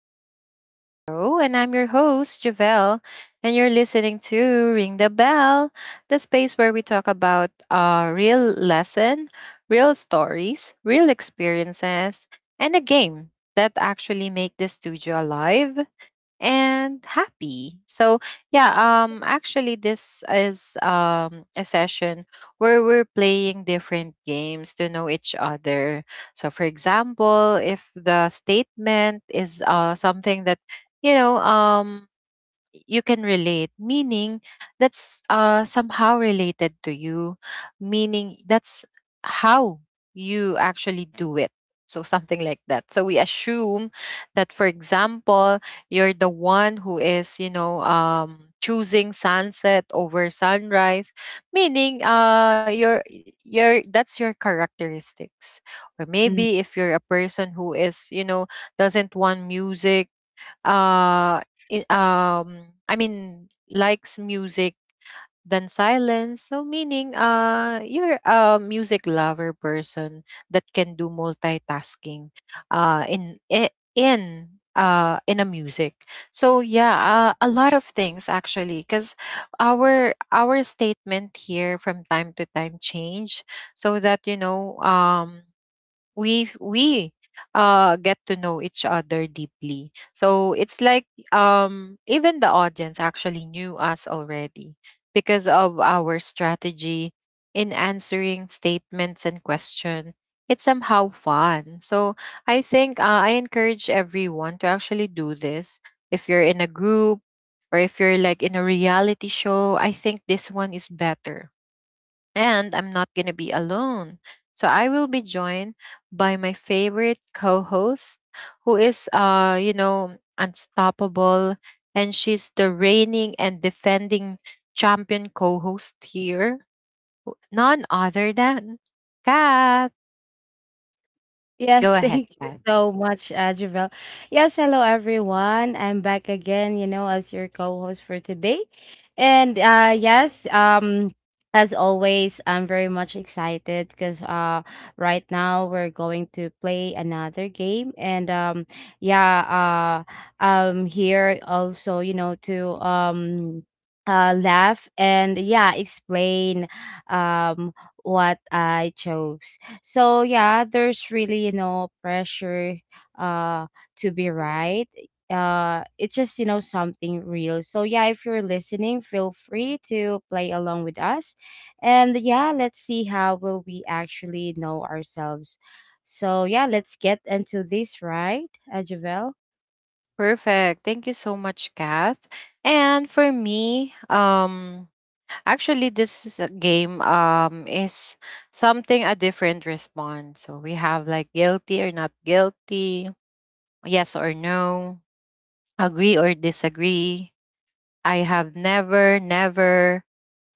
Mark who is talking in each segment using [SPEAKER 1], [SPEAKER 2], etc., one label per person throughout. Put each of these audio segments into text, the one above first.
[SPEAKER 1] Welcome back to the show. And I'm your host, Javelle. And you're listening to Ring the Bell, the space where we talk about real lesson, real stories, real experiences, and a game that actually make the studio alive and happy. So yeah, actually this is a session where we're playing different games to know each other. So for example, if the statement is something that you know um you can relate, meaning that's somehow related to you, meaning that's how you actually do it, so something like that. So we assume that, for example, you're the one who is choosing sunset over sunrise, meaning your that's your characteristics, or
[SPEAKER 2] Mm.
[SPEAKER 1] maybe if you're a person who is doesn't want music, uh I mean likes music than silence, so meaning you're a music lover person that can do multitasking in I- in a music. So yeah, a lot of things actually, because our statement here from time to time change, so that we get to know each other deeply. So it's like, even the audience actually knew us already because of our strategy in answering statements and question. It's somehow fun. So I think, I encourage everyone to actually do this if you're in a group, or if you're like in a reality show. I think this one is better. And I'm not going to be alone. So I will be joined by my favorite co host, who is, unstoppable. And she's the reigning and defending champion co host here. None other than Kath. Go
[SPEAKER 2] Yes,
[SPEAKER 1] ahead,
[SPEAKER 2] thank you
[SPEAKER 1] Kath.
[SPEAKER 2] so much, Javel. Yes, hello everyone. I'm back again, you know, as your co-host for today. And yes, as always, I'm very much excited because right now we're going to play another game and yeah, I'm here also, you know, to laugh and yeah, explain um what I chose. So yeah, there's really, you know, pressure uh to be right. It's just, you know, something real. So yeah, if you're listening, feel free to play along with us. And yeah, let's see how will we actually know ourselves. So yeah, let's get into this, right, Javel?
[SPEAKER 1] Perfect. Thank you so much, Kath. And for me, actually, this is a game, is something a different response. So we have like guilty or not guilty, yes or no, agree or disagree, I have never, never,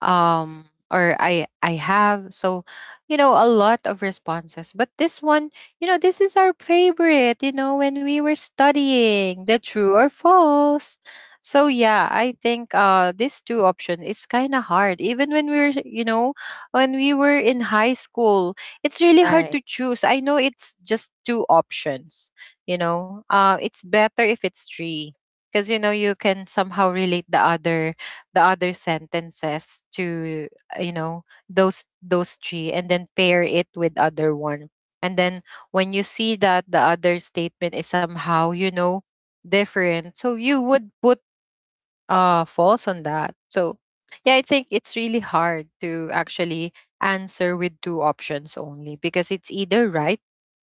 [SPEAKER 1] or I have, so a lot of responses. But this one, this is our favorite, when we were studying, the true or false. So yeah, I think this two option is kind of hard. Even when we are you know when we were in high school, it's really hard
[SPEAKER 2] Right,
[SPEAKER 1] to choose. I know it's just two options. It's better if it's three, because you can somehow relate the other sentences to, those three and then pair it with other one, and then when you see that the other statement is somehow different, so you would put false on that. So yeah, I think it's really hard to actually answer with two options only, because it's either right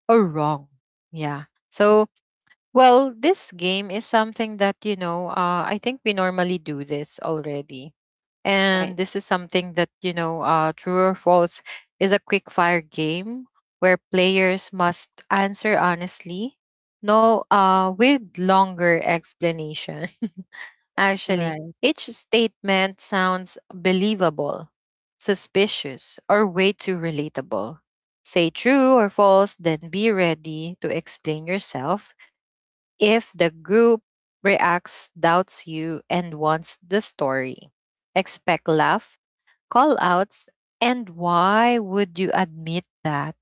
[SPEAKER 1] or wrong. Yeah. So well, this game is something that, I think we normally do this already.
[SPEAKER 2] right,
[SPEAKER 1] And this is something that, true or false is a quick fire game where players must answer honestly, no, with longer explanation. Actually,
[SPEAKER 2] right,
[SPEAKER 1] each statement sounds believable, suspicious, or way too relatable. Say true or false, then be ready to explain yourself if the group reacts, doubts you, and wants the story. Expect laugh, call outs, and why would you admit that?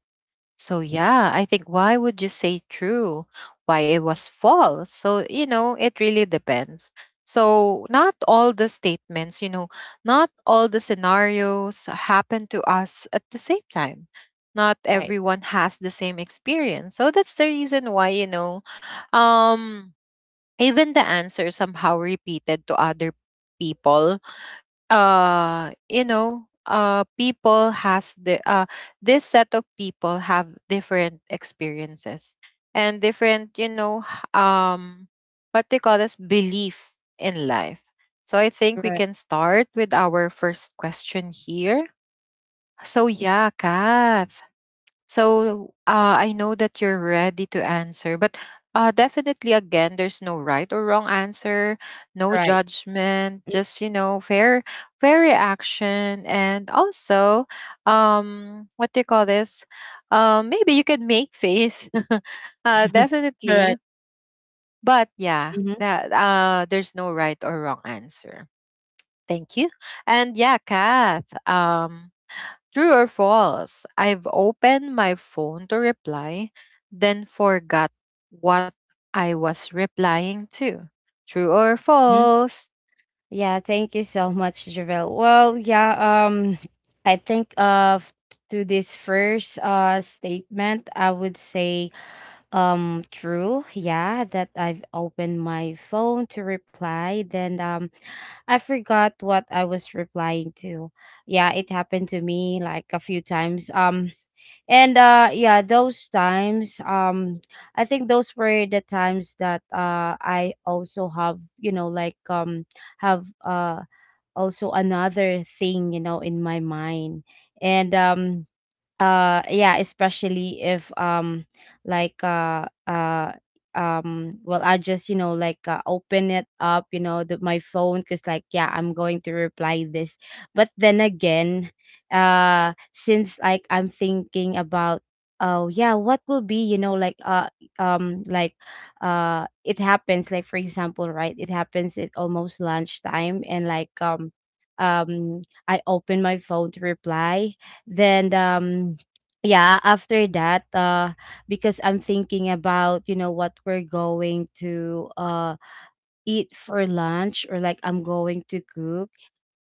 [SPEAKER 1] So, yeah, I think, why would you say true? Why it was false? So, it really depends. So, not all the statements, not all the scenarios happen to us at the same time. Not
[SPEAKER 2] right,
[SPEAKER 1] everyone has the same experience. So, that's the reason why, um, even the answer somehow repeated to other people. You know people has the This set of people have different experiences and different, what they call this, belief in life. So I think we
[SPEAKER 2] right,
[SPEAKER 1] can start with our first question here. So yeah, Kat. So I know that you're ready to answer, but definitely, again, there's no right or wrong answer, no
[SPEAKER 2] right.
[SPEAKER 1] judgment, just fair reaction, and also, what do you call this? Maybe you can make face, definitely,
[SPEAKER 2] Correct.
[SPEAKER 1] but yeah,
[SPEAKER 2] Mhm.
[SPEAKER 1] that there's no right or wrong answer. Thank you, and yeah, Kath. True or false? I've opened my phone to reply, then forgot what I was replying to. True or false?
[SPEAKER 2] Yeah, thank you so much, Javel. Well, yeah, I think to this first statement, I would say true, yeah, that I've opened my phone to reply, then I forgot what I was replying to. Yeah, it happened to me like a few times. And yeah, those times I think those were the times that I also have, you know, like have also another thing you know in my mind and yeah especially if like uh uh well I just you know open it up you know my phone because like yeah I'm going to reply this, but then again since like I'm thinking about, oh yeah, what will be you know um like it happens like for example right it happens at almost lunchtime and I open my phone to reply, then yeah after that because I'm thinking about you know what we're going to eat for lunch or like I'm going to cook,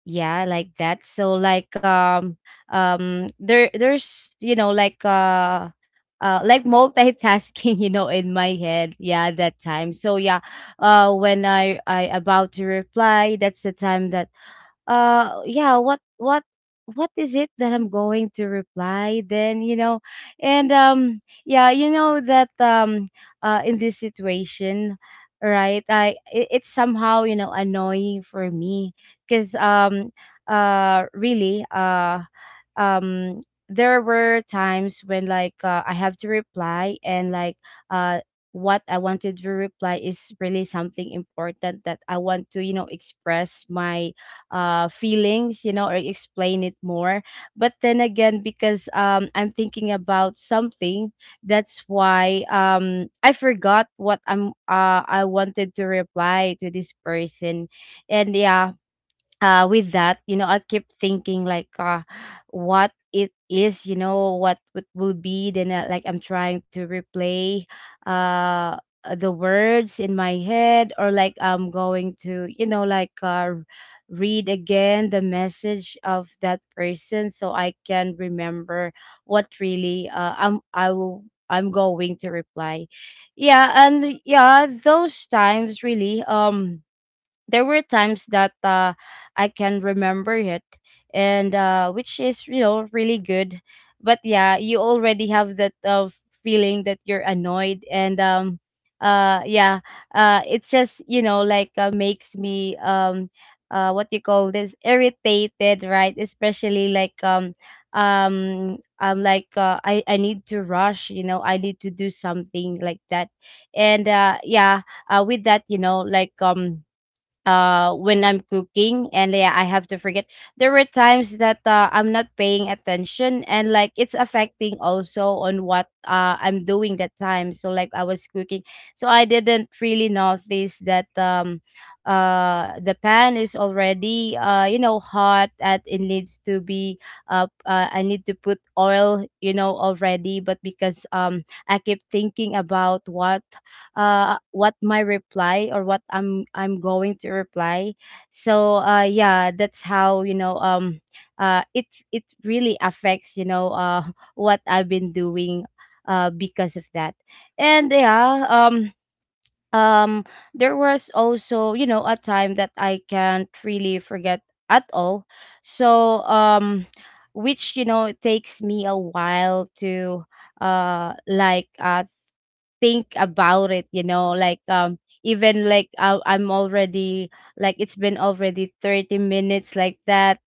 [SPEAKER 2] yeah like that so there's you know like multitasking you know in my head yeah that time. So yeah, when I about to reply that's the time that yeah what is it that I'm going to reply then you know. And yeah you know that in this situation right I it's somehow you know annoying for me because really um there were times when I have to reply and like uh what I wanted to reply is really something important that I want to you know express my feelings, you know, or explain it more. But then again, because I'm thinking about something, that's why I forgot what I'm. I wanted to reply to this person, and yeah, with that you know I keep thinking like what it is you know what it will be, then like I'm trying to replay uh the words in my head or like I'm going to you know read again the message of that person so I can remember what really I'm I will I'm going to reply. Yeah, and yeah those times really there were times that I can remember it, and which is you know really good. But yeah, you already have that feeling that you're annoyed, and yeah, it's just you know makes me what you call this, irritated, right? Especially I'm I need to rush, you know, I need to do something like that. And yeah with that you know when I'm cooking and yeah I have to forget, there were times that I'm not paying attention and like it's affecting also on what I'm doing that time so like I was cooking, so I didn't really notice that the pan is already you know hot and it needs to be I need to put oil you know already but because I keep thinking about what my reply or what I'm going to reply. So yeah that's how you know it it really affects you know what I've been doing because of that. And yeah um there was also you know a time that I can't really forget at all. So which you know it takes me a while to uh like uh think about it, you know, like even like I'm already, like it's been already 30 minutes like that.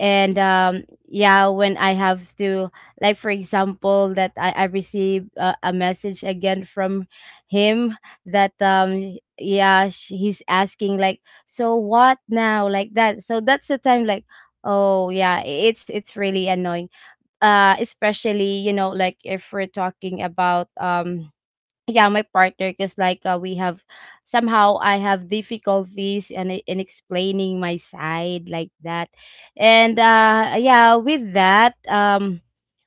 [SPEAKER 2] And yeah, when I have to, like for example that I receive a message again from him that yeah he's asking like, so what now, like that. So that's the time like, oh yeah, it's really annoying, especially you know like if we're talking about yeah, my partner. Cause like, we have, somehow I have difficulties and in in explaining my side like that. And, yeah, with that, um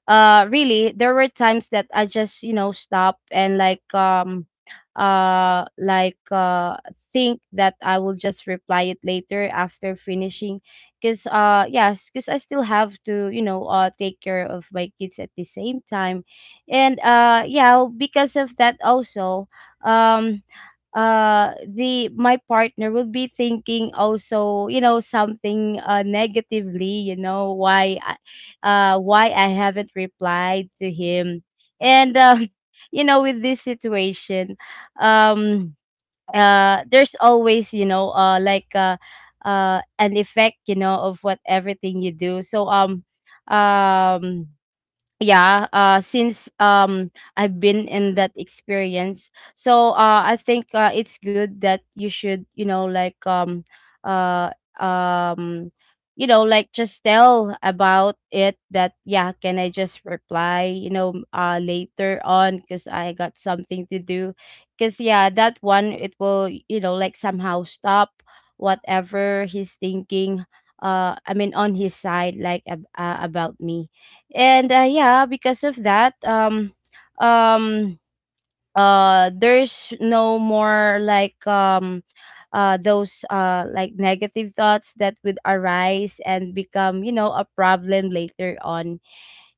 [SPEAKER 2] uh really there were times that I just you know stop and uh like uh think that I will just reply it later after finishing, because yes because I still have to you know take care of my kids at the same time. And yeah because of that also um the my partner will be thinking also you know something negatively, you know, why why I haven't replied to him. And you know with this situation um there's always you know an effect you know of what everything you do. So um yeah since I've been in that experience, so I think it's good that you should you know uh um you know like just tell about it that, yeah, can I just reply you know later on because I got something to do, because yeah that one it will you know like somehow stop whatever he's thinking, I mean on his side like about me. And yeah because of that um there's no more those like negative thoughts that would arise and become you know a problem later on.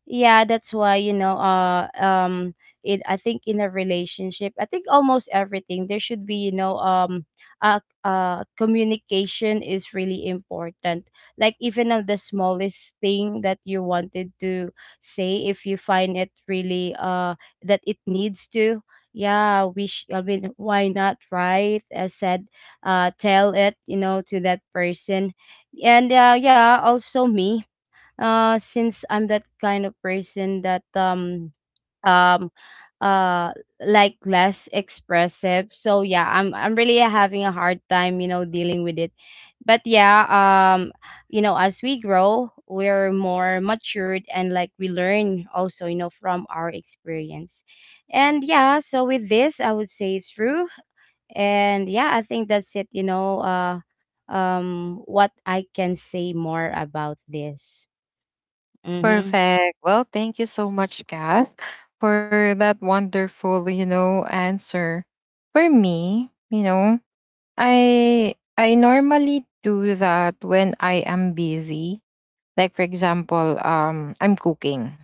[SPEAKER 2] Yeah that's why you know it I think in a relationship I think almost everything there should be you know communication is really important, like even of the smallest thing that you wanted to say, if you find it really that it needs to, yeah I mean why not right, I said tell it you know to that person. And yeah also me, since I'm that kind of person that um uh like less expressive, so yeah I'm really having a hard time you know dealing with it. But yeah, um you know as we grow we're more matured and like we learn also you know from our experience. And yeah, so with this I would say it's true. And yeah I think that's it you know what I can say more about this. Mm-hmm.
[SPEAKER 1] Perfect. Well, thank you so much, Kath, for that wonderful, answer. For me, I normally do that when I am busy. Like for example, I'm cooking.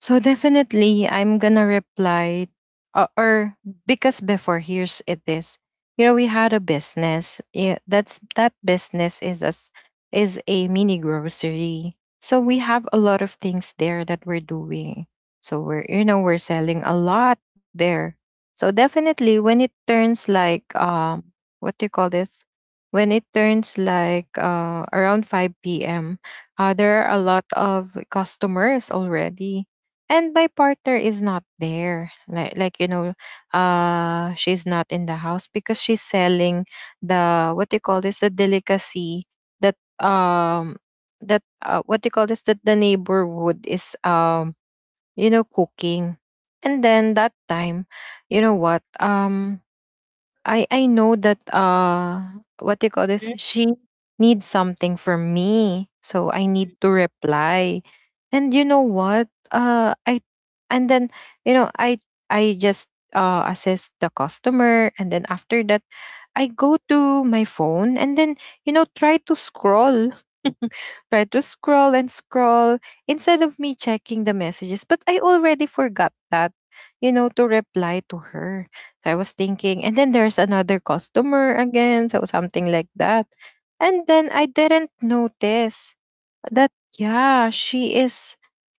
[SPEAKER 1] So definitely, I'm gonna reply, or because before, here's it is, we had a business. Yeah, that business is as is a mini grocery. So we have a lot of things there that we're doing. So we're you know we're selling a lot there. So definitely, when it turns like, what do you call this? When it turns like around five p.m., there are a lot of customers already, and my partner is not there, like she's not in the house because she's selling the, what do you call this, the delicacy, that that what do you call this, that the neighborhood is cooking. And then that time, you know what, I know that, what do you call this? She needs something from me. So I need to reply. And you know what? I and then you know I just assess the customer, and then after that, I go to my phone, and then try to scroll try to scroll and scroll, instead of me checking the messages. But I already forgot that to reply to her. So I was thinking, and then there's another customer again, so something like that. And then I didn't notice that, yeah, she is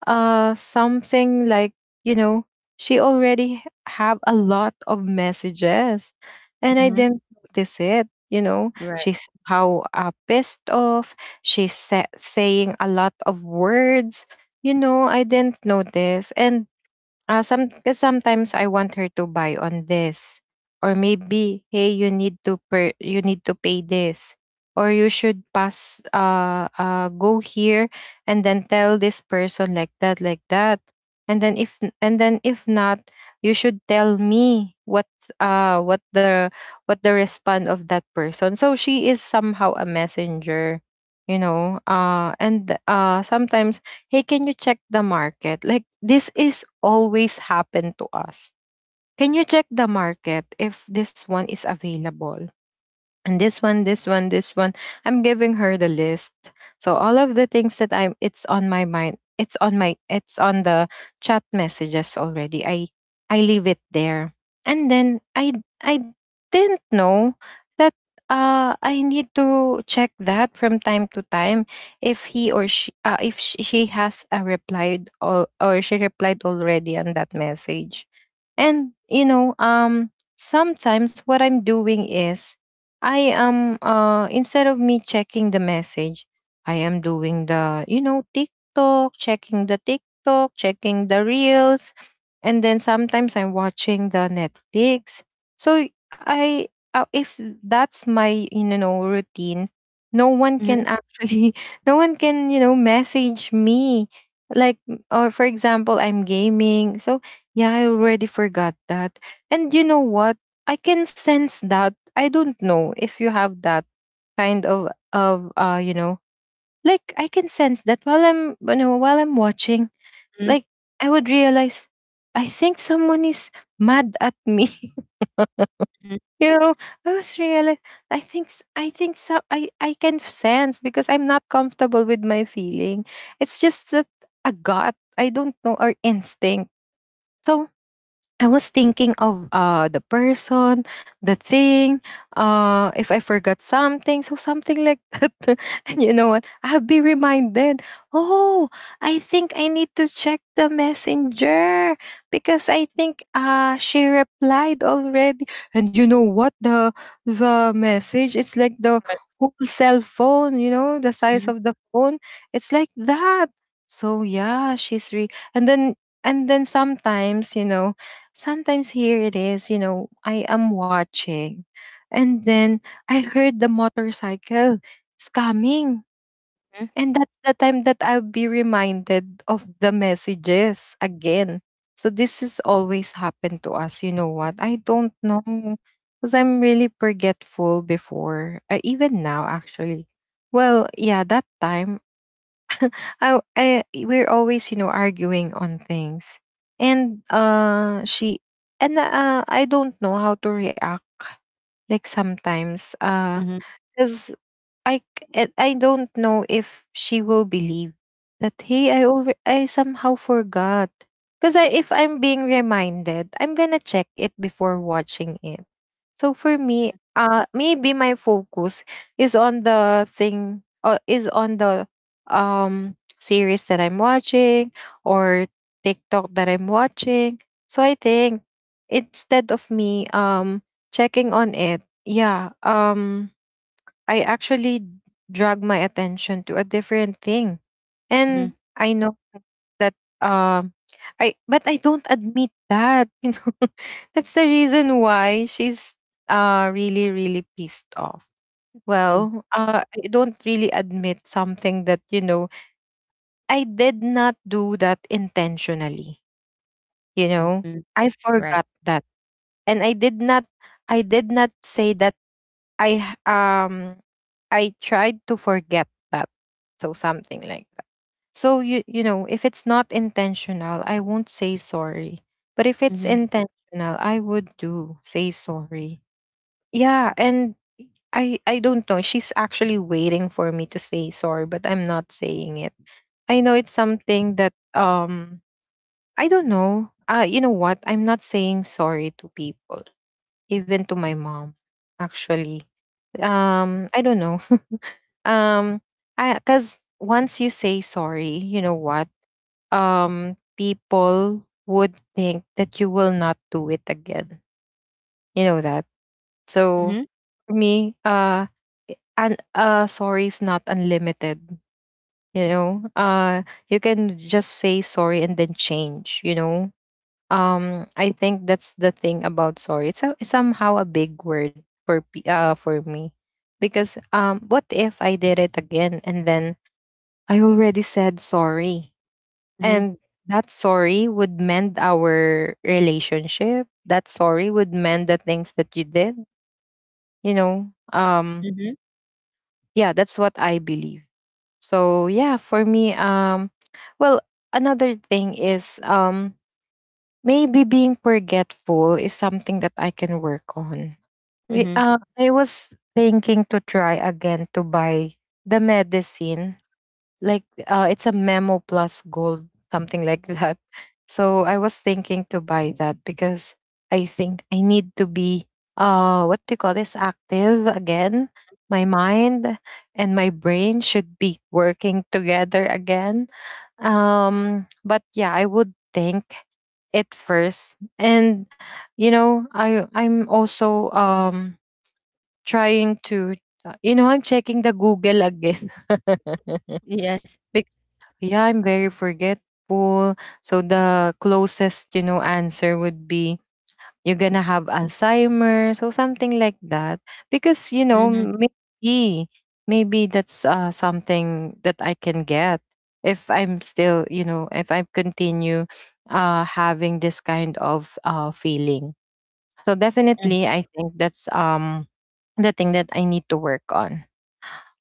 [SPEAKER 1] something like, you know, she already have a lot of messages. And I
[SPEAKER 2] Mhm.
[SPEAKER 1] didn't notice it.
[SPEAKER 2] Right.
[SPEAKER 1] She's how pissed off. She's saying a lot of words. I didn't notice. And sometimes I want her to buy on this, or maybe hey, you need to pay this, or you should pass go here and then tell this person, like that, like that, and then if not, you should tell me what, uh what the what the response of that person. So she is somehow a messenger. And sometimes, hey, can you check the market? Like, this is always happen to us. Can you check the market if this one is available? And this one, this one, this one, I'm giving her the list. So all of the things that I'm it's on my mind, it's on the chat messages already. I leave it there, and then I didn't know that I need to check that from time to time, if he or she if sh- she has a replied, or she replied already on that message. And sometimes what I'm doing is, I am instead of me checking the message, I am doing the, TikTok, checking the TikTok, checking the reels, and then sometimes I'm watching the Netflix. So I if that's my routine, no one
[SPEAKER 2] Mhm,
[SPEAKER 1] can actually no one can message me, like, or for example I'm gaming. So yeah, I already forgot that. And you know what? I can sense that. I don't know if you have that kind of like, I can sense that while I'm you know while I'm watching,
[SPEAKER 2] mhm,
[SPEAKER 1] like I would realize, I think someone is mad at me.
[SPEAKER 2] mhm,
[SPEAKER 1] you know, I was realize, I think I think so I can sense, because I'm not comfortable with my feeling. It's just that, a gut, I don't know, or instinct. So I was thinking of the person, the thing, if I forgot something, so something like that. And you know what? I'll be reminded, oh, I think I need to check the messenger, because I think she replied already. And you know what? The message, it's like the whole cell phone, the size
[SPEAKER 2] mhm,
[SPEAKER 1] of the phone. It's like that. So yeah, she's re and then sometimes, sometimes here it is, I am watching. And then I heard the motorcycle is coming. And that's the time that I'll be reminded of the messages again. So this is always happened to us. You know what? I don't know. Because I'm really forgetful before. Even now, actually. Well, yeah, that time, I we're always arguing on things, and she, and I don't know how to react, like sometimes,
[SPEAKER 2] mhm,
[SPEAKER 1] because I don't know if she will believe that, hey, I somehow forgot. Because if I'm being reminded, I'm gonna check it before watching it. So for me, maybe my focus is on the thing, or is on the series that I'm watching, or TikTok that I'm watching. So I think, instead of me checking on it, yeah, I actually drag my attention to a different thing.
[SPEAKER 2] mhm,
[SPEAKER 1] And I know that, um I but I don't admit that, . That's the reason why she's really, really pissed off.
[SPEAKER 2] mhm,
[SPEAKER 1] Well, I don't really admit something that, I did not do that intentionally, you
[SPEAKER 2] mhm,
[SPEAKER 1] know.
[SPEAKER 2] mhm,
[SPEAKER 1] I
[SPEAKER 2] right.
[SPEAKER 1] forgot that. And I did not say that, I h- um I tried to forget that. So something like that. So you know, if it's not intentional, I won't say sorry. But if it's
[SPEAKER 2] Mhm,
[SPEAKER 1] intentional, I would do say sorry. Yeah, and I don't know. She's actually waiting for me to say sorry, but I'm not saying it. I know it's something that, I don't know. You know what? I'm not saying sorry to people, even to my mom, actually. I don't know. um I Because once you say sorry, you know what, people would think that you will not do it again, you know that. So
[SPEAKER 2] mhm,
[SPEAKER 1] for me, and sorry is not unlimited, you know. You can just say sorry and then change, you know. I think that's the thing about sorry. It's somehow a big word for for me, because, what if I did it again, and then I already said sorry,
[SPEAKER 2] mhm,
[SPEAKER 1] and that sorry would mend our relationship, that sorry would mend the things that you did, you know.
[SPEAKER 2] mhm,
[SPEAKER 1] Yeah, that's what I believe. So yeah, for me, well, another thing is, maybe being forgetful is something that I can work on.
[SPEAKER 2] mhm.
[SPEAKER 1] I was thinking to try again to buy the medicine, like, it's a memo plus gold, something like that. So I was thinking to buy that, because I think I need to be, what do you call this, active again. My mind and my brain should be working together again. But yeah, I would think it first, and you know, I'm also, trying to, you know, I'm checking the Google again.
[SPEAKER 2] Yes.
[SPEAKER 1] Yeah, I'm very forgetful. So the closest, you know, answer would be you're gonna have Alzheimer's or something like that. Because, you know,
[SPEAKER 2] Mhm,
[SPEAKER 1] maybe that's something that I can get, if I'm still, you know, if I continue having this kind of feeling. So
[SPEAKER 2] mhm.
[SPEAKER 1] definitely I think that's, the thing that I need to work on.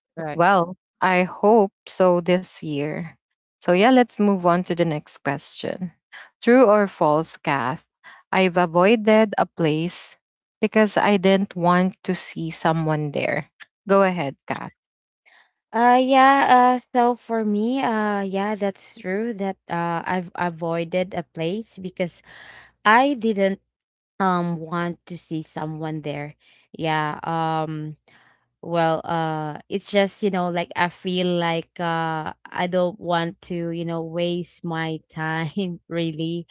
[SPEAKER 2] Right.
[SPEAKER 1] Well, I hope so this year. So, yeah, let's move on to the next question. True or false, Kath? I've avoided a place because I didn't want to see someone there. Go ahead, Kath.
[SPEAKER 2] Yeah, so for me, yeah, that's true that I've avoided a place because I didn't want to see someone there. Yeah, well it's just you know like I feel like I don't want to you know waste my time really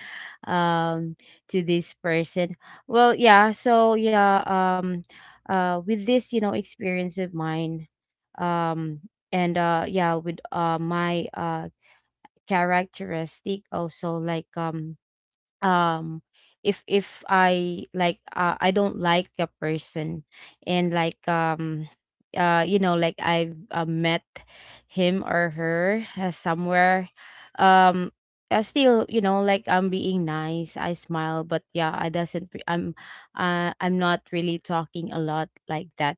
[SPEAKER 2] um to this person. Well yeah, so yeah um with this you know experience of mine, um and yeah with my characteristic also like um if I like I don't like a person and you know I've met him or her somewhere, um I still you know like I'm being nice, I smile, but yeah I doesn't re- I'm I'm not really talking a lot like that.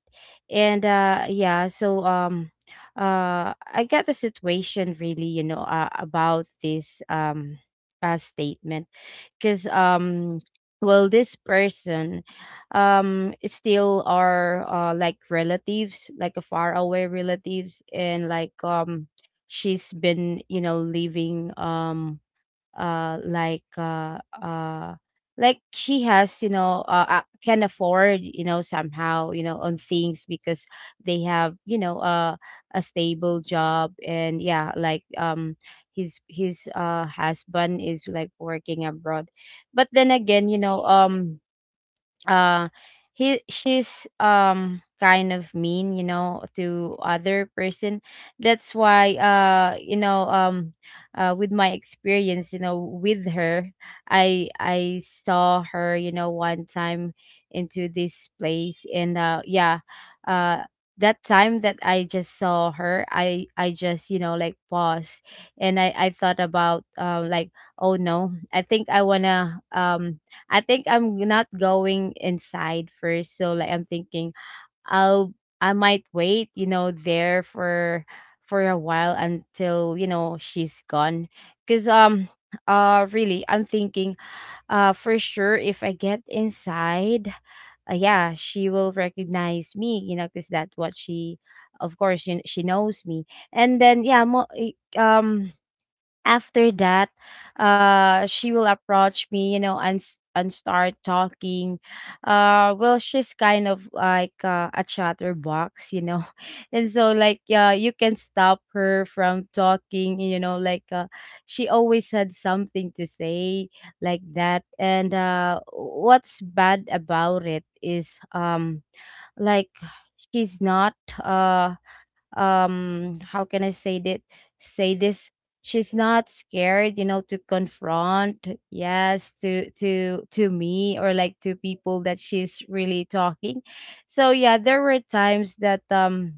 [SPEAKER 2] And yeah so I got the situation really you know about this statement. Because well this person is still are like relatives, like a far away relatives, and she's been you know living uh like uh uh like she has you know can afford you know somehow you know on things because they have you know a stable job. And yeah like his husband is like working abroad. But then again you know uh he she's kind of mean you know to other person. That's why you know with my experience you know with her, I I saw her you know one time into this place. And yeah uh that time that I just saw her, I I just you know like pause. And I thought about like, oh no, I think I wanna I think I'm not going inside first. So like I'm thinking I'll, I might wait, you know, there for a while until, you know, she's gone. Cause really I'm thinking for sure if I get inside, yeah, she will recognize me, you know, because that's what she of course she knows me. And then yeah, um after that she will approach me, you know, and and start talking. Well, she's kind of like a chatterbox, you know, and so like you can stop her from talking, you know, like she always had something to say like that. And what's bad about it is like she's not uh how can I say that, say this, she's not scared, you know, to confront, yes, to me, or like to people that she's really talking. So yeah, there were times that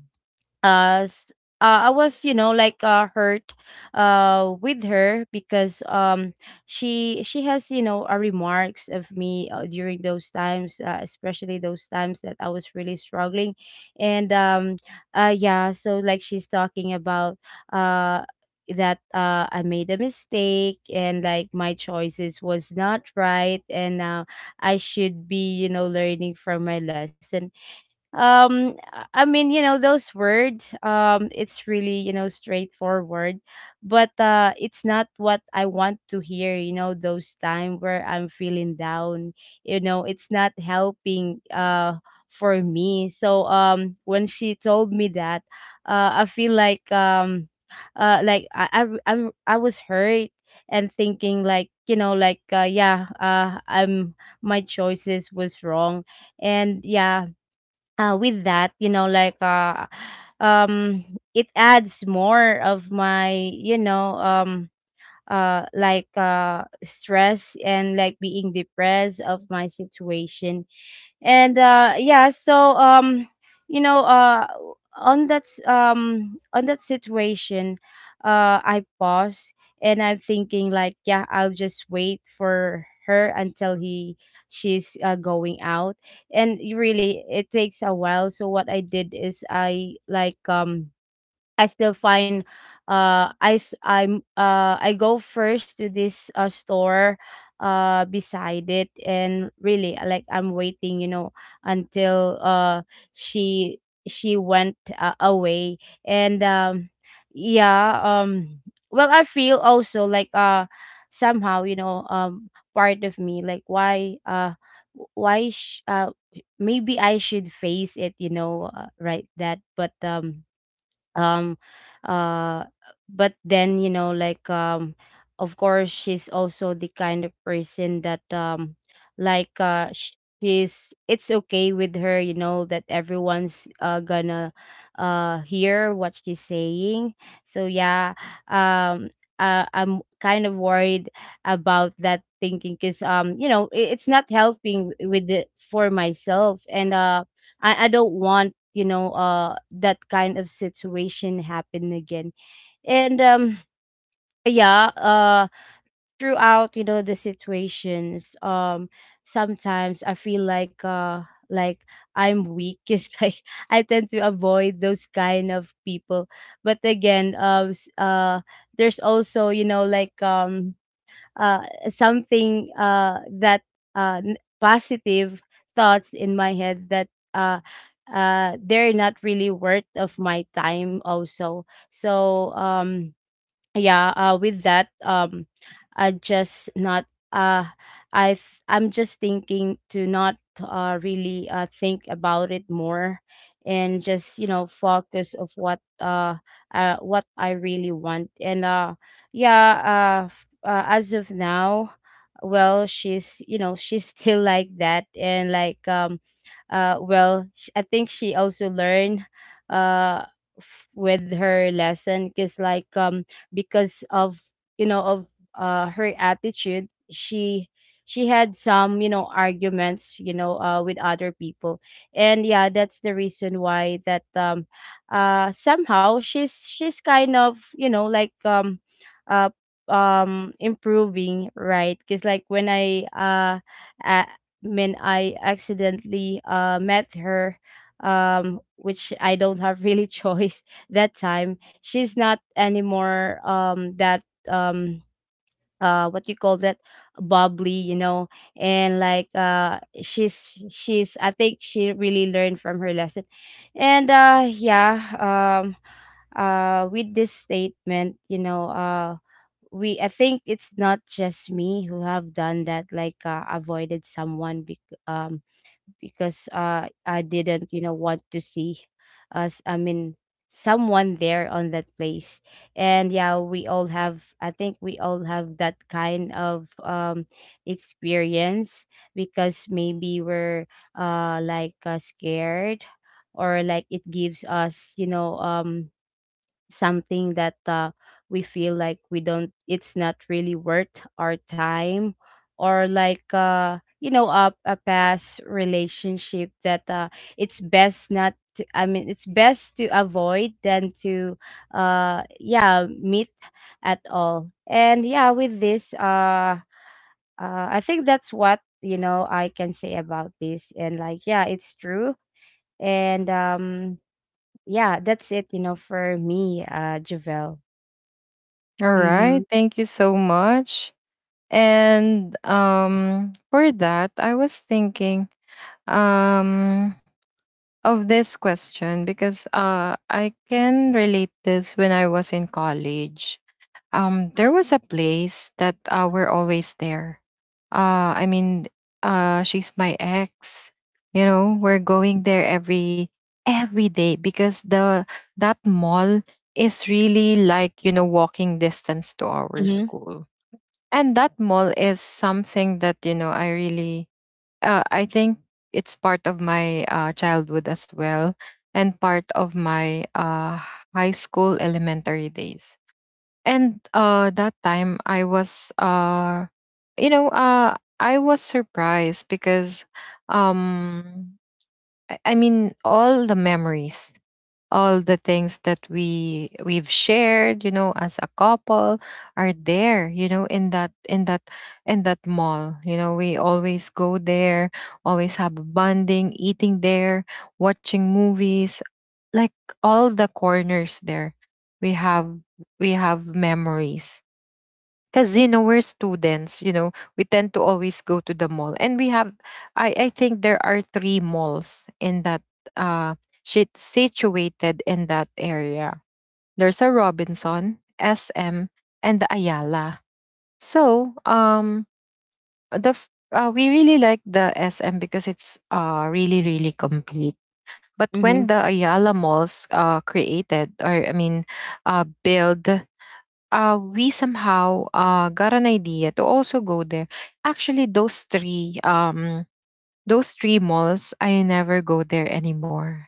[SPEAKER 2] uh, s- I was, you know, like hurt with her because she has, you know, remarks of me during those times, especially those times that I was really struggling, and yeah, so like she's talking about uh, that I made a mistake and like my choices was not right, and I should be, you know, learning from my lesson. I mean, you know, those words, it's really, you know, straightforward. But it's not what I want to hear, you know, those time where I'm feeling down. You know, it's not helping for me. So when she told me that, I feel like uh like i i I'm, I was hurt. And thinking like, you know, like yeah, I'm my choices was wrong. And yeah, with that, you know, like um, it adds more of my, you know, like stress and like being depressed of my situation. And yeah. So you know, on that on that situation, I pause. And I'm thinking like, yeah, I'll just wait for her until he, she's going out. And really it takes a while, so what I did is I like I still find, I s- I'm I go first to this store beside it. And really, like I'm waiting, you know, until she she went away. And yeah. Well, I feel also like somehow, you know, part of me like, why w- why sh- uh maybe I should face it, you know, right that. But um uh but then, you know, like of course she's also the kind of person that like she's, it's okay with her, you know, that everyone's gonna hear what she's saying. So yeah. um I'm kind of worried about that thinking because you know, it's not helping with it for myself. And I I, don't want, you know, that kind of situation happen again. And yeah, throughout, you know, the situations, sometimes I feel like like I'm weak. It's like I tend to avoid those kind of people. But again, there's also, you know, like uh, something that positive thoughts in my head that they're not really worth of my time also. So yeah, with that, I just not, uh I'm just thinking to not really think about it more. And just, you know, focus of what, what I really want. And yeah, as of now, well, she's, you know, she's still like that. And like well, I think she also learned uh with her lesson because like because of, you know, of her attitude, she had some, you know, arguments, you know, with other people. And yeah, that's the reason why, that somehow she's kind of, you know, like uh improving, right? Because like when I a- when I accidentally met her, which I don't have really choice that time, she's not anymore that what you call that, bubbly, you know. And like she's, I think she really learned from her lesson. And yeah. um with this statement, you know, we, I think it's not just me who have done that, like avoided someone, because I didn't, you know, want to see us, I mean someone there on that place. And yeah, we all have, I think we all have that kind of experience, because maybe we're scared, or like it gives us, you know, something that we feel like we don't, it's not really worth our time. Or like you know, a past relationship that it's best not to, I mean it's best to avoid than to yeah, meet at all. And yeah, with this I think that's what, you know, I can say about this. And like, yeah, it's true. And yeah, that's it, you know, for me, Javel.
[SPEAKER 1] All
[SPEAKER 2] Mhm,
[SPEAKER 1] right. Thank you so much. And, for that, I was thinking, um, of this question, because I can relate this when I was in college. There was a place that, we're always there. I mean, she's my ex. You know, we're going there every day, because the that mall is really, like, walking distance to our
[SPEAKER 2] mhm,
[SPEAKER 1] school, and that mall is something that, you know, I really, I think it's part of my, childhood as well, and part of my, high school, elementary days, and that time I was, you know, I was surprised because, um, I mean, all the memories, all the things that we've shared, you know, as a couple, are there, you know, in that mall. You know, we always go there, always have bonding, eating there, watching movies, like, all the corners there. We have we have memories, because you know, we're students, you know, we tend to always go to the mall. And we have, I think there are three malls in that, uh shit, situated in that area. There's a Robinson, SM, and the Ayala. So, we really like the SM because it's, really, really complete. But
[SPEAKER 2] mhm,
[SPEAKER 1] when the Ayala malls, created, or I mean, build, we somehow, got an idea to also go there. Actually, those three malls, I never go there anymore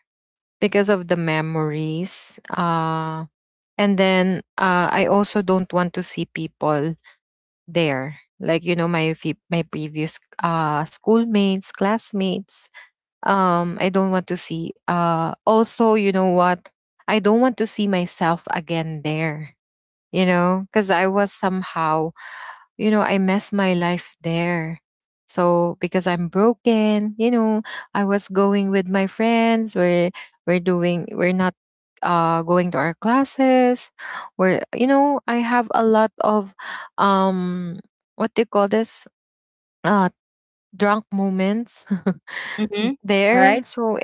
[SPEAKER 1] because of the memories. And then, I also don't want to see people there. Like, you know, my previous, schoolmates, classmates. I don't want to see. Also, you know what? I don't want to see myself again there. You know, because I was somehow, you know, I messed my life there. So because I'm broken, you know, I was going with my friends. We're not going to our classes. We're You know, I have a lot of, um what do you call this? Uh Drunk moments
[SPEAKER 2] mhm. Alright.
[SPEAKER 1] there. So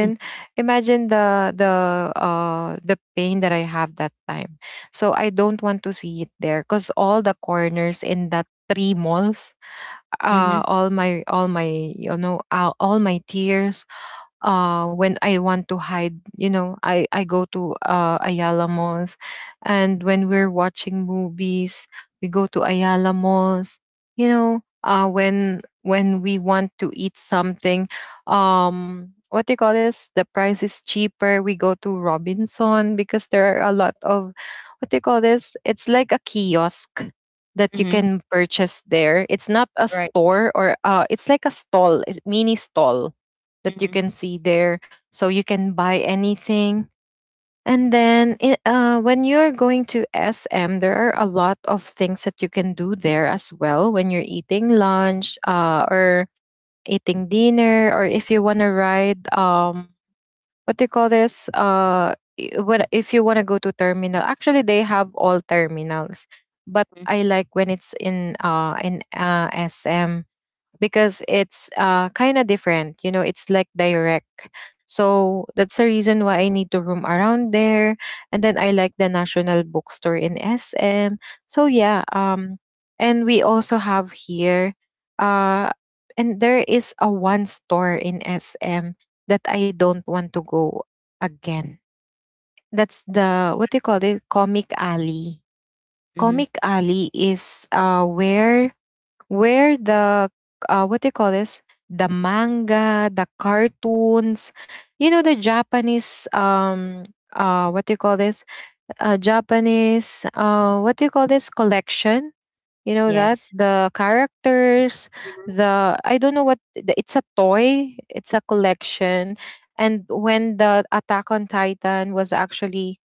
[SPEAKER 2] Mhm,
[SPEAKER 1] imagine the pain that I have that time. So I don't want to see it there because all the corners in that three malls,
[SPEAKER 2] mhm,
[SPEAKER 1] all my tears. When I want to hide, you know, I go to, Ayala malls. And when we're watching movies, we go to Ayala malls. You know, when we want to eat something, what do you call this? The price is cheaper. We go to Robinson because there are a lot of, what do you call this? It's like a kiosk that you
[SPEAKER 2] mhm.
[SPEAKER 1] can purchase there. It's not a
[SPEAKER 2] Right.
[SPEAKER 1] store, or it's like a stall, it's mini stall that you
[SPEAKER 2] Mhm,
[SPEAKER 1] can see there. So you can buy anything. And then, when you're going to SM, there are a lot of things that you can do there as well, when you're eating lunch, or eating dinner, or if you want to ride, what do you call this? What, if you want to go to terminal, actually, they have all terminals. But
[SPEAKER 2] mhm,
[SPEAKER 1] I like when it's in SM, because it's, kind of different. You know, it's like direct. So that's the reason why I need to roam around there. And then I like the National Bookstore in SM. So yeah, and we also have here, uh, and there is a one store in SM that I don't want to go again. That's the, what do you call it? Comic Alley.
[SPEAKER 2] mhm.
[SPEAKER 1] Comic Alley is, where the, what do you call this, the manga, the cartoons, you know, the Japanese, what do you call this, Japanese, what do you call this, collection, you know, that
[SPEAKER 2] Yes.
[SPEAKER 1] the characters,
[SPEAKER 2] Mhm,
[SPEAKER 1] the, I don't know what it's a toy, it's a collection. And when the Attack on Titan was actually,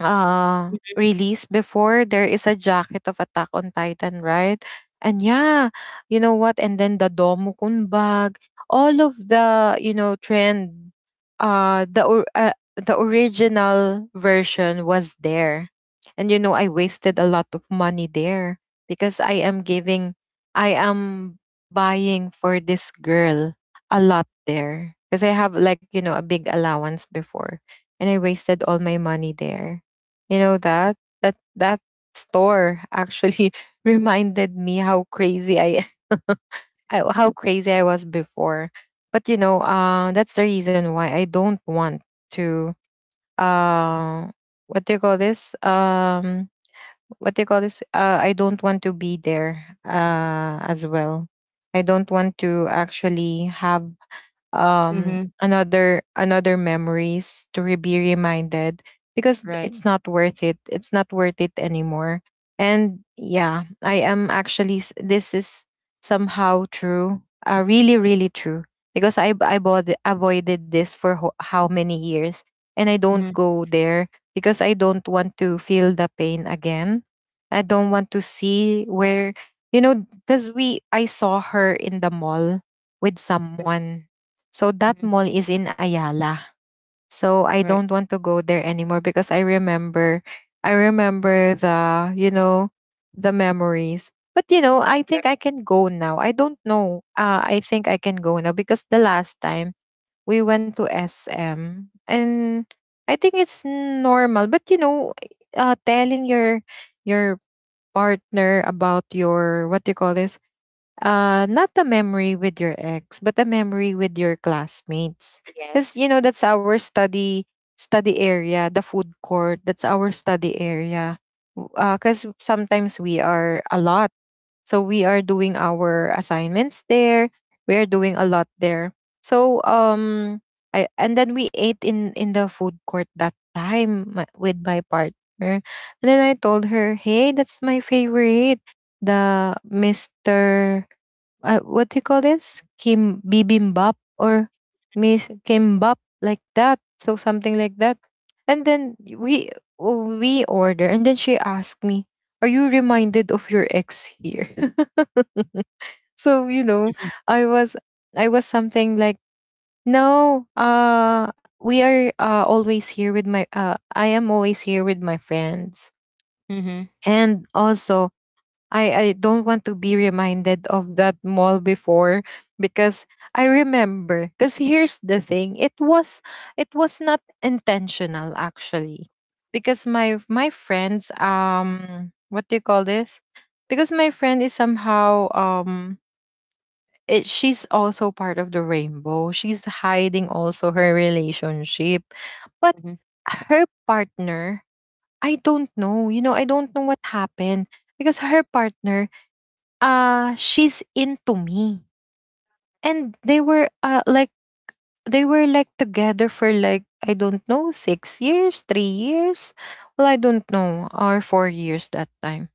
[SPEAKER 1] uh released before, there is a jacket of Attack on Titan, right? And yeah, you know what? And then the Domukun bag, all of the, you know, trend. The original version was there. And you know, I wasted a lot of money there, because I am buying for this girl a lot there, because I have, like, you know, a big allowance before. And I wasted all my money there. You know that, that store actually reminded me how crazy I, how crazy I was before. But you know, that's the reason why I don't want to, uh, what do you call this? What do you call this? I don't want to be there, as well. I don't want to actually have,
[SPEAKER 2] mhm,
[SPEAKER 1] another memories to be reminded, because it's
[SPEAKER 2] right.
[SPEAKER 1] not worth it, it's not worth it anymore. And yeah, I am actually, this is somehow true, really, really true, because I bought, avoided this for how many years, and I don't
[SPEAKER 2] Mhm,
[SPEAKER 1] go there because I don't want to feel the pain again. I don't want to see where, you know, because we I saw her in the mall with someone. So that
[SPEAKER 2] mhm,
[SPEAKER 1] mall is in Ayala. So I
[SPEAKER 2] right,
[SPEAKER 1] don't want to go there anymore because I remember the, you know, the memories. But you know, I
[SPEAKER 2] right.
[SPEAKER 1] think I can go now. I don't know. I think I can go now because the last time we went to SM, and I think it's normal. But you know, telling your partner about your, what do you call this, not a memory with your ex, but a memory with your classmates. Because
[SPEAKER 2] Yes.
[SPEAKER 1] that's our study area, the food court. That's our study area. Because sometimes we are a lot, so we are doing our assignments there. We are doing a lot there. So, I and then we ate in the food court that time, with my partner. And then I told her, "Hey, that's my favorite, the Mister, what do you call this? Kim bibimbap or Miss Kimbap," like that. So something like that. And then we order, and then she asked me, "Are you reminded of your ex here?" So,
[SPEAKER 2] Mhm,
[SPEAKER 1] I was I was something like, "No, we are, always here with my I am always here with my friends."
[SPEAKER 2] mhm,
[SPEAKER 1] And also, I don't want to be reminded of that mall before, because I remember. Because here's the thing, it was not intentional actually, because my friends, what do you call this? Because my friend is somehow, she's also part of the rainbow. She's hiding also her relationship, but
[SPEAKER 2] mhm,
[SPEAKER 1] her partner, I don't know. You know, I don't know what happened, because her partner, she's into me, and they were like together for like, I don't know, 6 years, 3 years, well, I don't know, or 4 years that time.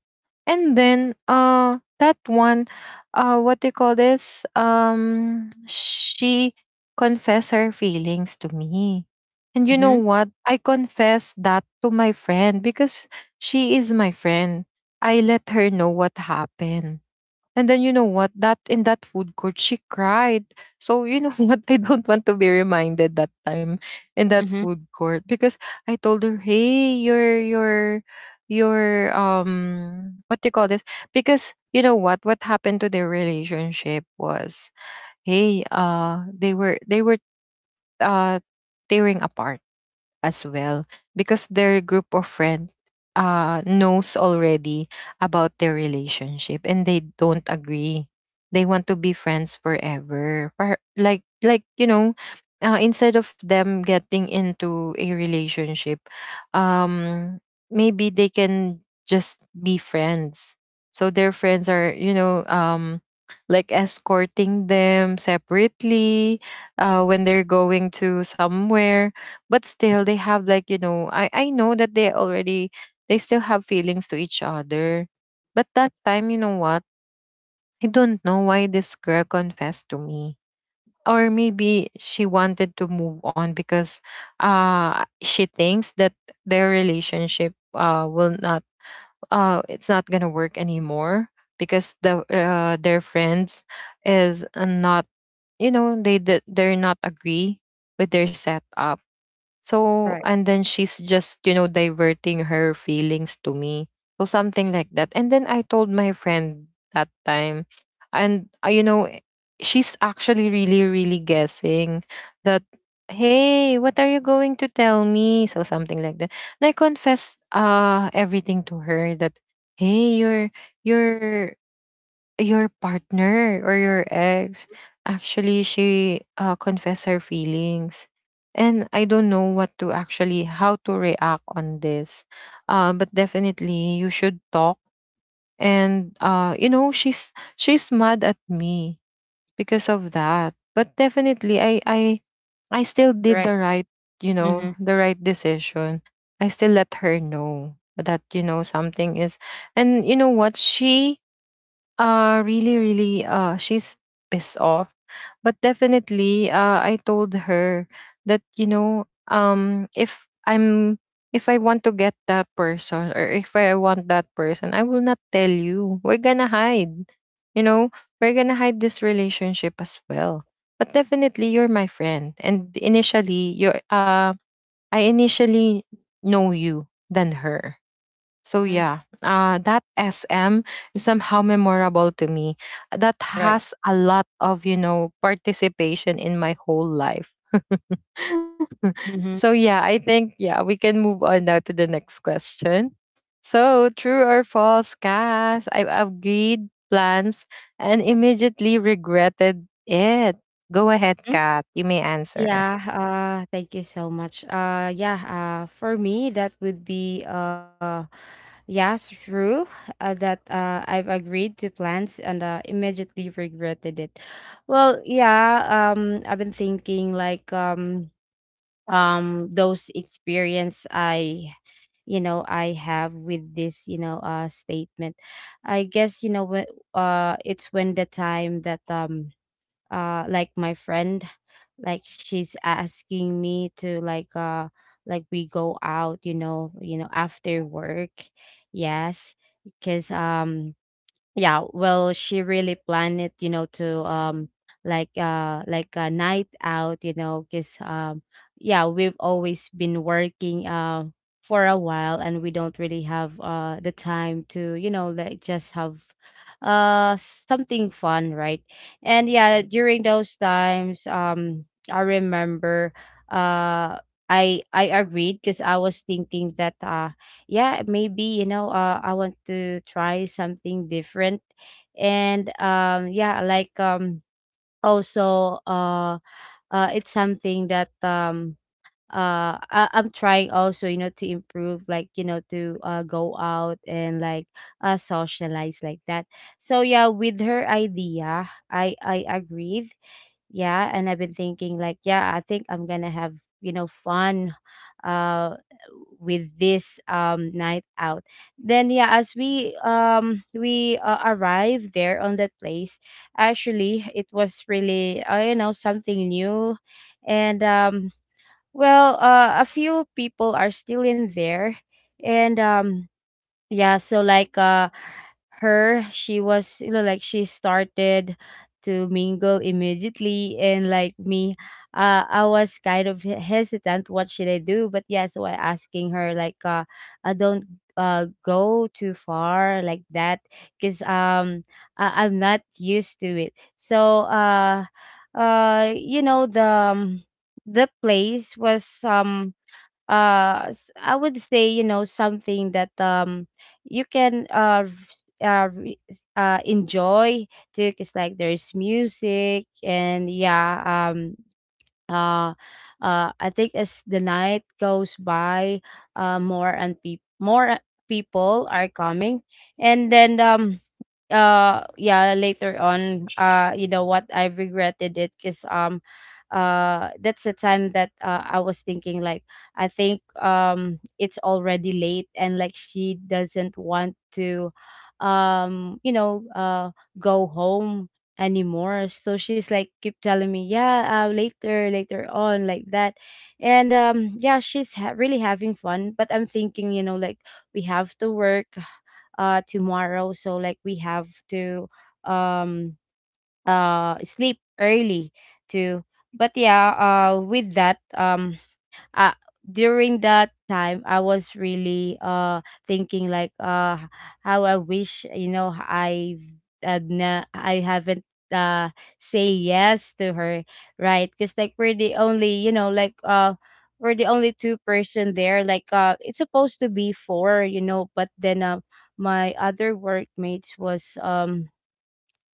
[SPEAKER 1] And then, that one, what do you call this, she confessed her feelings to me. And you know
[SPEAKER 2] mhm,
[SPEAKER 1] what, I confessed that to my friend, because she is my friend. I let her know what happened. And then, you know what? That in that food court, she cried. So you know what? I don't want to be reminded that time in that
[SPEAKER 2] mhm.
[SPEAKER 1] food court, because I told her, "Hey, your, what do you call this?" Because you know what? What happened to their relationship was, hey, they were uh tearing apart as well, because their group of friends, knows already about their relationship, and they don't agree. They want to be friends forever. Like, instead of them getting into a relationship, um, maybe they can just be friends. So their friends are, like escorting them separately, when they're going to somewhere. But still they have, like, I know that, they still have feelings to each other. But that time, you know what, I don't know why this girl confessed to me, or maybe she wanted to move on, because she thinks that their relationship, will not, it's not gonna work anymore, because their friends is, not, they're not agree with their setup. So,
[SPEAKER 2] Right,
[SPEAKER 1] and then she's just, diverting her feelings to me. So, something like that. And then I told my friend that time, and, she's actually really, really guessing that, hey, what are you going to tell me? So, something like that. And I confessed, everything to her that, hey, you're, your partner or your ex actually, she, confessed her feelings, and I don't know what to actually how to react on this. But definitely you should talk. And, she's mad at me because of that, but definitely I still did the
[SPEAKER 2] right.
[SPEAKER 1] right,
[SPEAKER 2] Mhm,
[SPEAKER 1] the right decision. I still let her know that, something is. And you know what, she really, really, she's pissed off. But definitely, I told her that, if I want to get that person, or if I want that person, I will not tell you. We're gonna hide. You know, we're gonna hide this relationship as well. But definitely, you're my friend. And initially, I initially know you than her. So
[SPEAKER 2] mhm,
[SPEAKER 1] yeah, that SM is somehow memorable to me. That
[SPEAKER 2] right.
[SPEAKER 1] has a lot of, participation in my whole life.
[SPEAKER 2] Mhm.
[SPEAKER 1] So yeah, I think, yeah, we can move on now to the next question. So, true or false, Cass? I agreed plans and immediately regretted it. Go ahead, Kat. You may answer.
[SPEAKER 2] Yeah, thank you so much. Yeah, for me, that would be, yeah, true, that I've agreed to plans and immediately regretted it. Well, yeah, I've been thinking like, those experience I, you know, I have with this, you know, statement. I guess, you know, it's when the time that like my friend, like she's asking me to like we go out, you know, you know, after work. Yes. Because yeah, well, she really planned it, you know, to like a night out, you know. Because yeah, we've always been working for a while, and we don't really have the time to, you know, like just have something fun, right? And yeah, during those times, I remember, uh I agreed because I was thinking that, yeah, maybe, you know, I want to try something different. And yeah, like also it's something that I'm trying also, you know, to improve, like, you know, to go out and like socialize like that. So yeah, with her idea, I agreed. Yeah, and I've been thinking like, yeah, I think I'm gonna have, you know, fun uh with this night out. Then yeah, as we arrived there on that place, actually it was really, you know, something new. And well, a few people are still in there. And yeah, so like her she was, you know, like she started to mingle immediately. And like me, I was kind of, hesitant what should I do. But yeah, so I asking her like, I don't go too far like that. Cuz I- I'm not used to it. So you know, the, the place was I would say, you know, something that you can uh, re- enjoy too, because like there's music. And yeah, um uh I think as the night goes by, more and, people are coming. And then yeah, later on, you know what, I regretted it because that's the time that, I was thinking like, I think it's already late and like she doesn't want to you know, go home anymore. So she's like keep telling me, yeah, later, later on, like that. And yeah, she's really having fun. But I'm thinking, you know, like we have to work tomorrow, so like we have to um sleep early too. But yeah, with that, uh, during that time I was really thinking like, how I wish, you know, I, I haven't uh say yes to her, right? Because like we're the only, you know, like we're the only two-person there. Like it's supposed to be four, you know. But then my other workmates was,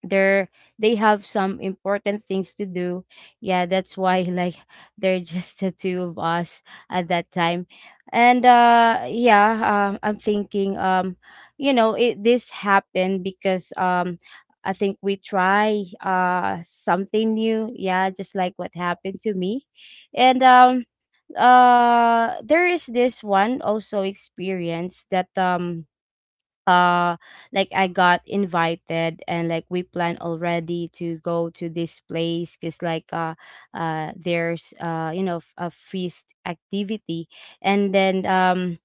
[SPEAKER 2] they're, they have some important things to do. Yeah, that's why like they're just the two of us at that time. And yeah, I'm thinking, you know, it this happened because I think we try something new. Yeah, just like what happened to me. And there is this one also experience that uh like I got invited and like we planned already to go to this place, because like there's you know, a feast activity. And then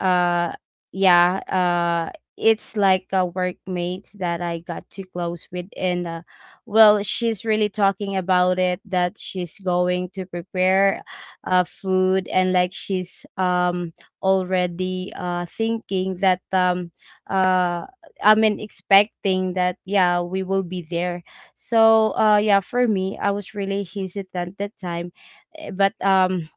[SPEAKER 2] uh yeah, it's like a workmate that I got too close with. And well, she's really talking about it, that she's going to prepare food. And like she's already thinking that, uh I mean, expecting that, yeah, we will be there. So yeah, for me, I was really hesitant that time. Eh, but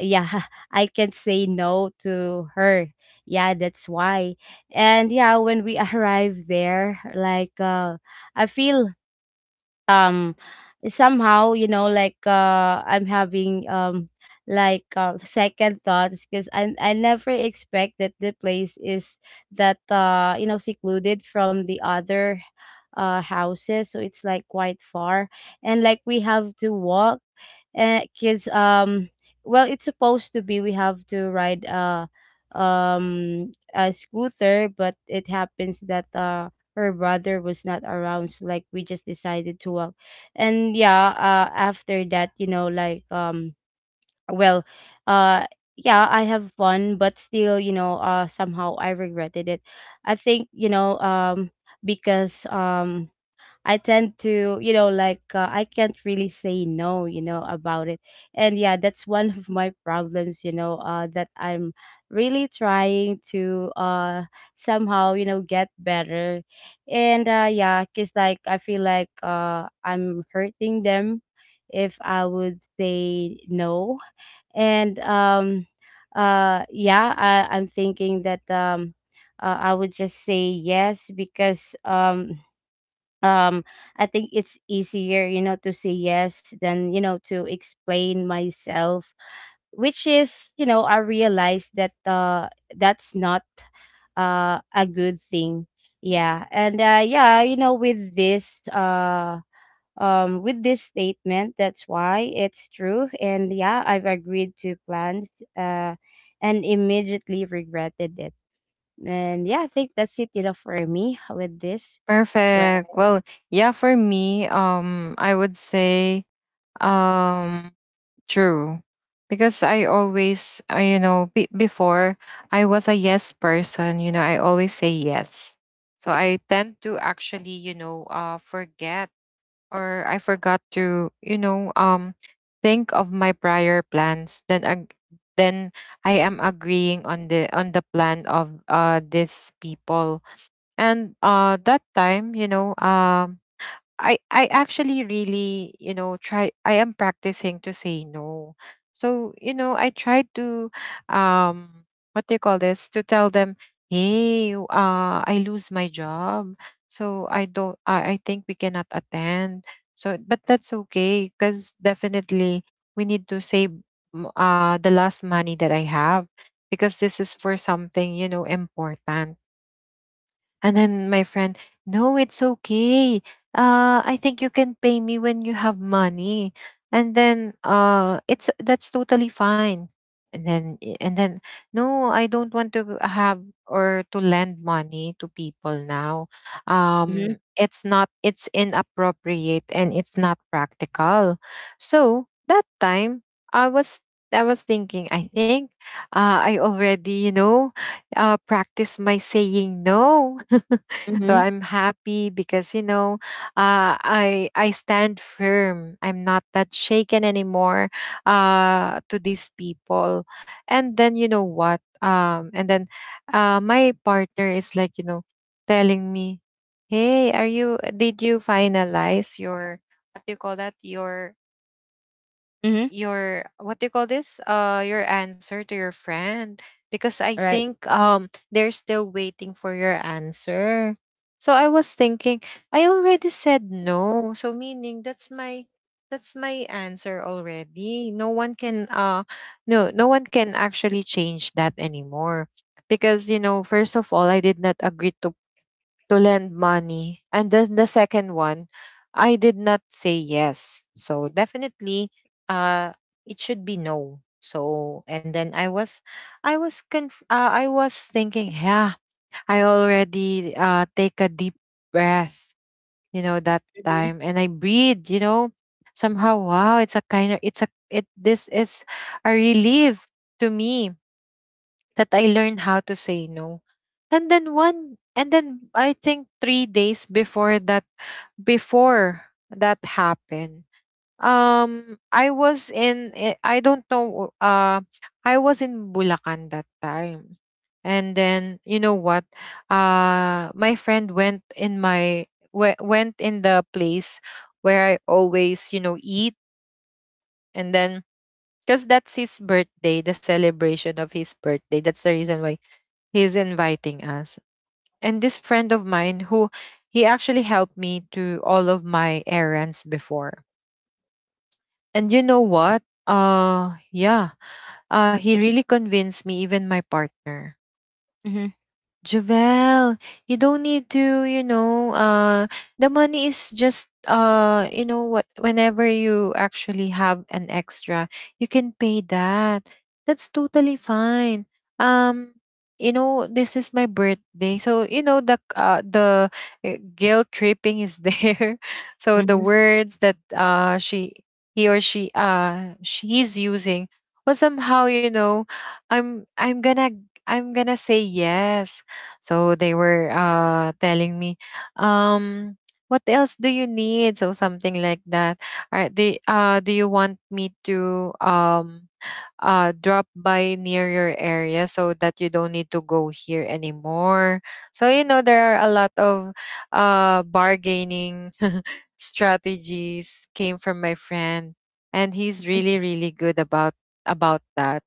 [SPEAKER 2] yeah, I can say no to her. Yeah, that's why. And yeah, when we arrive there, like I feel um somehow, you know, like I'm having like second thoughts, because I never expect that the place is that, you know, secluded from the other houses. So it's like quite far. And like we have to walk, because well, it's supposed to be we have to ride a scooter. But it happens that her brother was not around, so like we just decided to walk. And yeah, after that, you know, like well, uh yeah, I have fun. But still, you know, somehow I regretted it. I think, you know, because I tend to, you know, like I can't really say no, you know, about it. And yeah, that's one of my problems, you know, that I'm really trying to, somehow, you know, get better. And yeah, because like I feel like I'm hurting them if I would say no. And yeah, I'm thinking that, I would just say yes because. Um I think it's easier, you know, to say yes than, you know, to explain myself, which is, you know, I realized that, that's not a good thing. Yeah. And yeah, you know, with this, with this statement, that's why it's true, and yeah, I've agreed to plans uh and immediately regretted it. And yeah, I think that's it, you know, for me with this.
[SPEAKER 1] Perfect.
[SPEAKER 2] Right.
[SPEAKER 1] Well, yeah, for me, I would say, um true. Because I always, you know, be before, I was a yes person. You know, I always say yes. So I tend to actually, forget, or I forgot to, think of my prior plans. Then, I am agreeing on the plan of these people. And that time, I actually really, you know, try I am practicing to say no. So, I tried to, um what do you call this? To tell them, "Hey, I lose my job. So I don't, I think we cannot attend." So, but that's okay, cuz definitely we need to save, the last money that I have, because this is for something, important. And then my friend, "No, it's okay. I think you can pay me when you have money. And then, it's that's totally fine." And then, no, I don't want to have or to lend money to people now.
[SPEAKER 2] Mm-hmm.
[SPEAKER 1] It's not, it's inappropriate, and it's not practical. So that time, I was I was thinking, I think, I already, practice my saying no. So
[SPEAKER 2] Mm-hmm.
[SPEAKER 1] I'm happy, because, I stand firm, I'm not that shaken anymore, to these people. And then, my partner is like, telling me, "Hey, are you did you finalize your, what do you call that, your
[SPEAKER 2] Mhm.
[SPEAKER 1] your what do you call this your answer to your friend? Because I
[SPEAKER 2] Right.
[SPEAKER 1] think, they're still waiting for your answer." So I was thinking, I already said no, so meaning that's my, answer already. No, no one can actually change that anymore, because you know, first of all, I did not agree to lend money. And then the second one, I did not say yes. So definitely, uh it should be no. So, and then, I was thinking, yeah, I already, take a deep breath, that
[SPEAKER 2] Mhm.
[SPEAKER 1] time, and I breathe. Somehow, wow, it's a kind of it's a it this is a relief to me, that I learned how to say no. And then, I think 3 days before that happened, I don't know, I was in Bulacan that time. And then you know what, my friend, went in the place where I always, eat, and then because that's his birthday, the celebration of his birthday. That's the reason why he's inviting us. And this friend of mine, who he actually helped me to all of my errands before. And you know what? Yeah. He really convinced me, even my partner.
[SPEAKER 2] Mhm.
[SPEAKER 1] "Javel, you don't need to, the money is just, you know what, whenever you actually have an extra, you can pay that. That's totally fine. Um this is my birthday." So, you know, the guilt tripping is there. So the
[SPEAKER 2] Mhm.
[SPEAKER 1] words that, she, he or she, she's using, but somehow, I'm I'm gonna I'm gonna say yes. So they were, telling me, um, "What else do you need?" So something like that. All right, do you want me to, drop by near your area so that you don't need to go here anymore? So, there are a lot of, bargaining strategies came from my friend, and he's really, really good about that.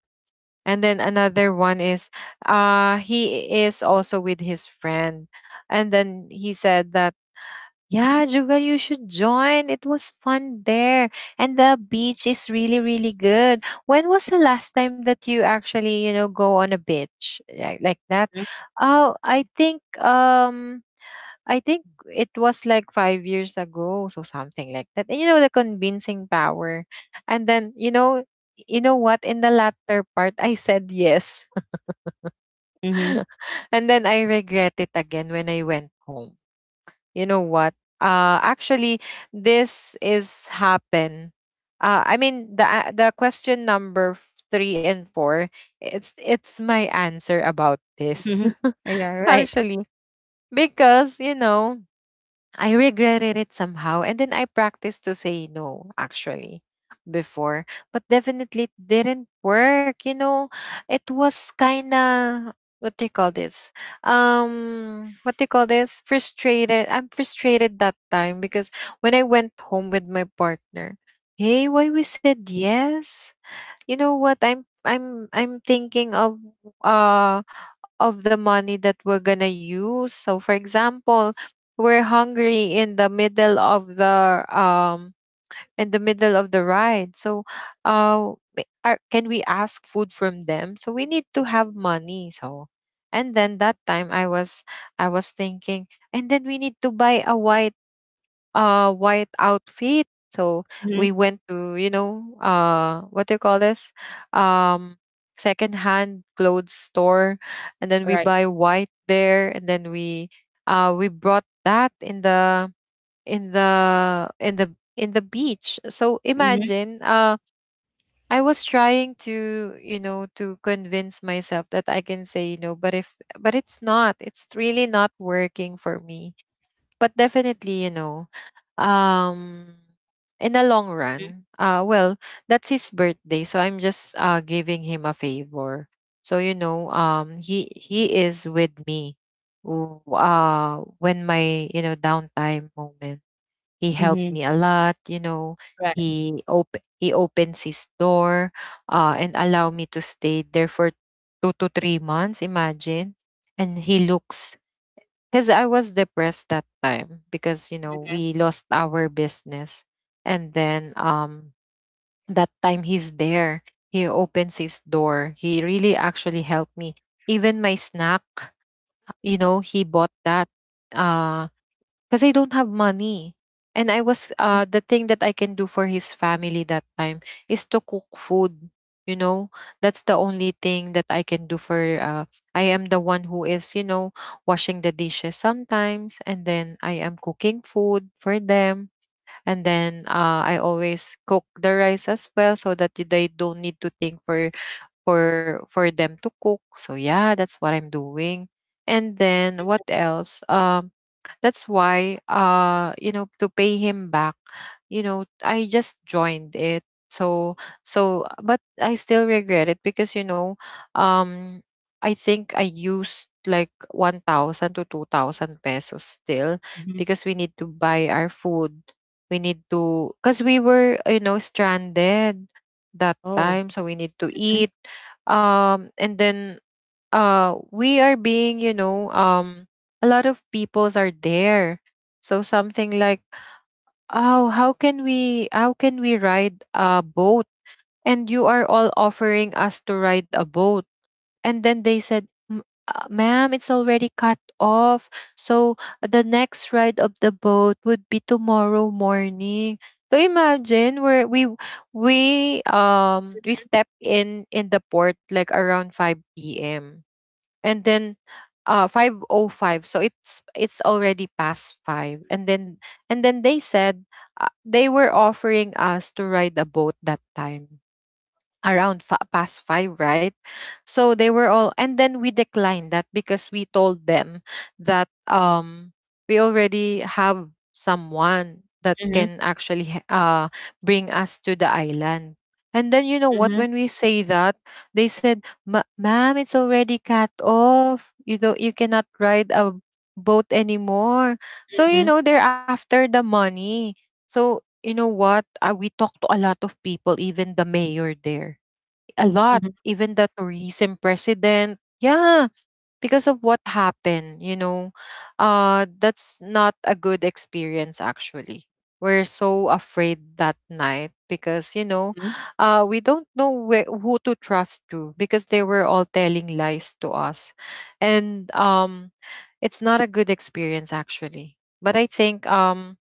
[SPEAKER 1] And then another one is, he is also with his friend. And then he said that, yeah, Jugal, you should join. It was fun there. And the beach is really, really good. When was the last time that you actually, go on a beach like that?
[SPEAKER 2] Mhm.
[SPEAKER 1] Oh, I think it was like 5 years ago, so something like that. And you know the convincing power. And then, you know what? In the latter part, I said yes.
[SPEAKER 2] Mhm.
[SPEAKER 1] And then I regret it again when I went home. You know what? Actually, this is happen. I mean, the question number three and four. It's my answer about this.
[SPEAKER 2] Mhm. Yeah. Right.
[SPEAKER 1] Actually, because I regretted it somehow, and then I practiced to say no actually before, but definitely it didn't work. You know, it was kind of, what do you call this? What do you call this? Frustrated. I'm frustrated that time because when I went home with my partner, hey, why we said yes? You know what? I'm thinking of uh of the money that we're gonna use. So for example, we're hungry in the middle of the in the middle of the ride. So are, can we ask food from them? So we need to have money. So and then that time I was thinking and then we need to buy a white outfit. So
[SPEAKER 2] Mhm.
[SPEAKER 1] we went to, you know, what do you call this? Um Secondhand clothes store and then we
[SPEAKER 2] Right.
[SPEAKER 1] buy white there and then we brought that in the in the in the in the beach. So
[SPEAKER 2] Mhm.
[SPEAKER 1] imagine I was trying to, you know, to convince myself that I can say you know, but if but it's not. It's really not working for me, but definitely, you know, um in the long
[SPEAKER 2] Mhm.
[SPEAKER 1] run, well, that's his birthday, so I'm just giving him a favor. So, you know, he is with me, when my, you know, downtime moment. He helped
[SPEAKER 2] Mhm.
[SPEAKER 1] me a lot, you know.
[SPEAKER 2] Right.
[SPEAKER 1] He opens his door and allow me to stay there for 2 to 3 months, imagine. And he looks, because I was depressed that time because, you know,
[SPEAKER 2] Mhm.
[SPEAKER 1] we lost our business. And then that time he's there. He opens his door. He really actually helped me. Even my snack, you know, he bought that. Uh because I don't have money. And I was
[SPEAKER 2] Mhm.
[SPEAKER 1] the thing that I can do for his family that time is to cook food. You know, that's the only thing that I can do for I am the one who is, you know, washing the dishes sometimes and then I am cooking food for them and then I always cook the rice as well so that they don't need to think for them to cook. So yeah, that's what I'm doing. And then what else? That's why, you know, to pay him back, you know, I just joined it. So, so, but I still regret it because, you know, um, I think I used like 1,000 to 2,000 pesos still
[SPEAKER 2] Mhm.
[SPEAKER 1] because we need to buy our food. We need to, because we were, you know, stranded that
[SPEAKER 2] Oh.
[SPEAKER 1] time. So we need to
[SPEAKER 2] Mhm.
[SPEAKER 1] eat. And then we are being you know a lot of peoples are there, so something like, oh how can we ride a boat, and you are all offering us to ride a boat. And then they said, ma'am, it's already cut off, so the next ride of the boat would be tomorrow morning." So imagine where we step in the port like around 5 p.m. And then 505, so it's already past 5. And then and then they said they were offering us to ride a boat that time around past five, right? So they were all, and then we declined that because we told them that we already have someone that
[SPEAKER 2] Mhm.
[SPEAKER 1] can actually bring us to the island. And then you know what?
[SPEAKER 2] Mhm.
[SPEAKER 1] When we say that, they said, Ma'am, it's already cut off. You cannot ride a boat anymore." So
[SPEAKER 2] Mhm.
[SPEAKER 1] you know they're after the money. So you know what? We talked to a lot of people, even the mayor there a lot,
[SPEAKER 2] Mhm.
[SPEAKER 1] even the tourism president. Yeah, because of what happened, you know, that's not a good experience actually. We're so afraid that night because, you know,
[SPEAKER 2] Mhm.
[SPEAKER 1] we don't know where, who to trust to, because they were all telling lies to us. And it's not a good experience actually. But I think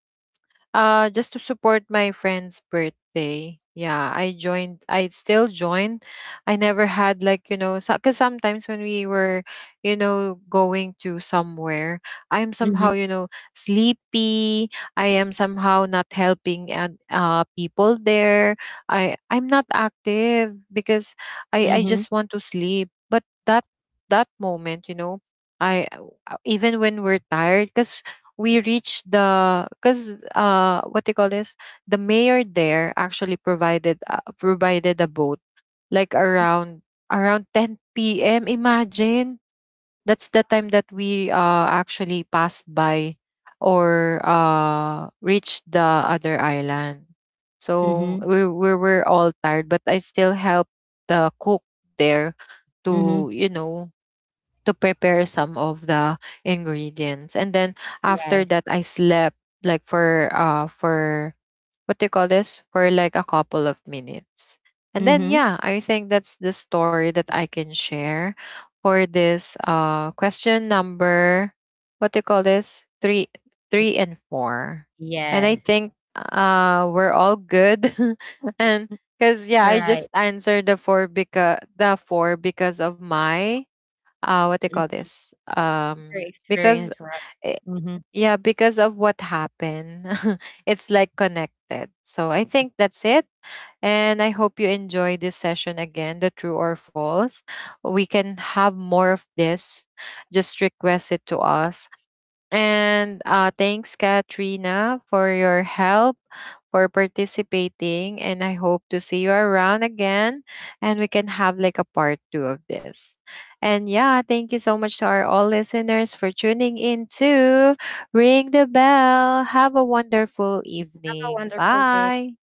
[SPEAKER 1] just to support my friend's birthday. Yeah, I joined. I still join. I never had like you know, because sometimes when we were, you know, going to somewhere, I am somehow you know sleepy. I am somehow not helping and people there. I'm not active because I
[SPEAKER 2] Mhm.
[SPEAKER 1] just want to sleep. But that moment, you know, I even when we're tired, because we reached the because what they call this, the mayor there actually provided provided a boat like around 10 p.m., imagine. That's the time that we actually passed by or reached the other island. So
[SPEAKER 2] Mhm.
[SPEAKER 1] we were all tired but I still helped the cook there to
[SPEAKER 2] Mhm.
[SPEAKER 1] you know to prepare some of the ingredients. And then after
[SPEAKER 2] Yes.
[SPEAKER 1] that, I slept like for what do you call this? For like a couple of minutes. And then
[SPEAKER 2] Mhm.
[SPEAKER 1] yeah, I think that's the story that I can share for this question number what do you call this? Three and four. And I
[SPEAKER 2] Yes.
[SPEAKER 1] think we're all good and because yeah, I
[SPEAKER 2] Right.
[SPEAKER 1] just answered the four because of my what they
[SPEAKER 2] Mhm.
[SPEAKER 1] call this
[SPEAKER 2] Your experience.
[SPEAKER 1] because
[SPEAKER 2] Right.
[SPEAKER 1] eh,
[SPEAKER 2] Mhm.
[SPEAKER 1] yeah because of what happened it's like connected, so I think that's it. And I hope you enjoy this session again, the true or false. We can have more of this. Just request it to us. And thanks, Katrina, for your help, for participating. And I hope to see you around again, and we can have like a part two of this. And yeah, thank you so much to our all listeners for tuning in to Ring the Bell. Have a wonderful
[SPEAKER 2] Have a
[SPEAKER 1] evening.
[SPEAKER 2] wonderful day.
[SPEAKER 1] Bye.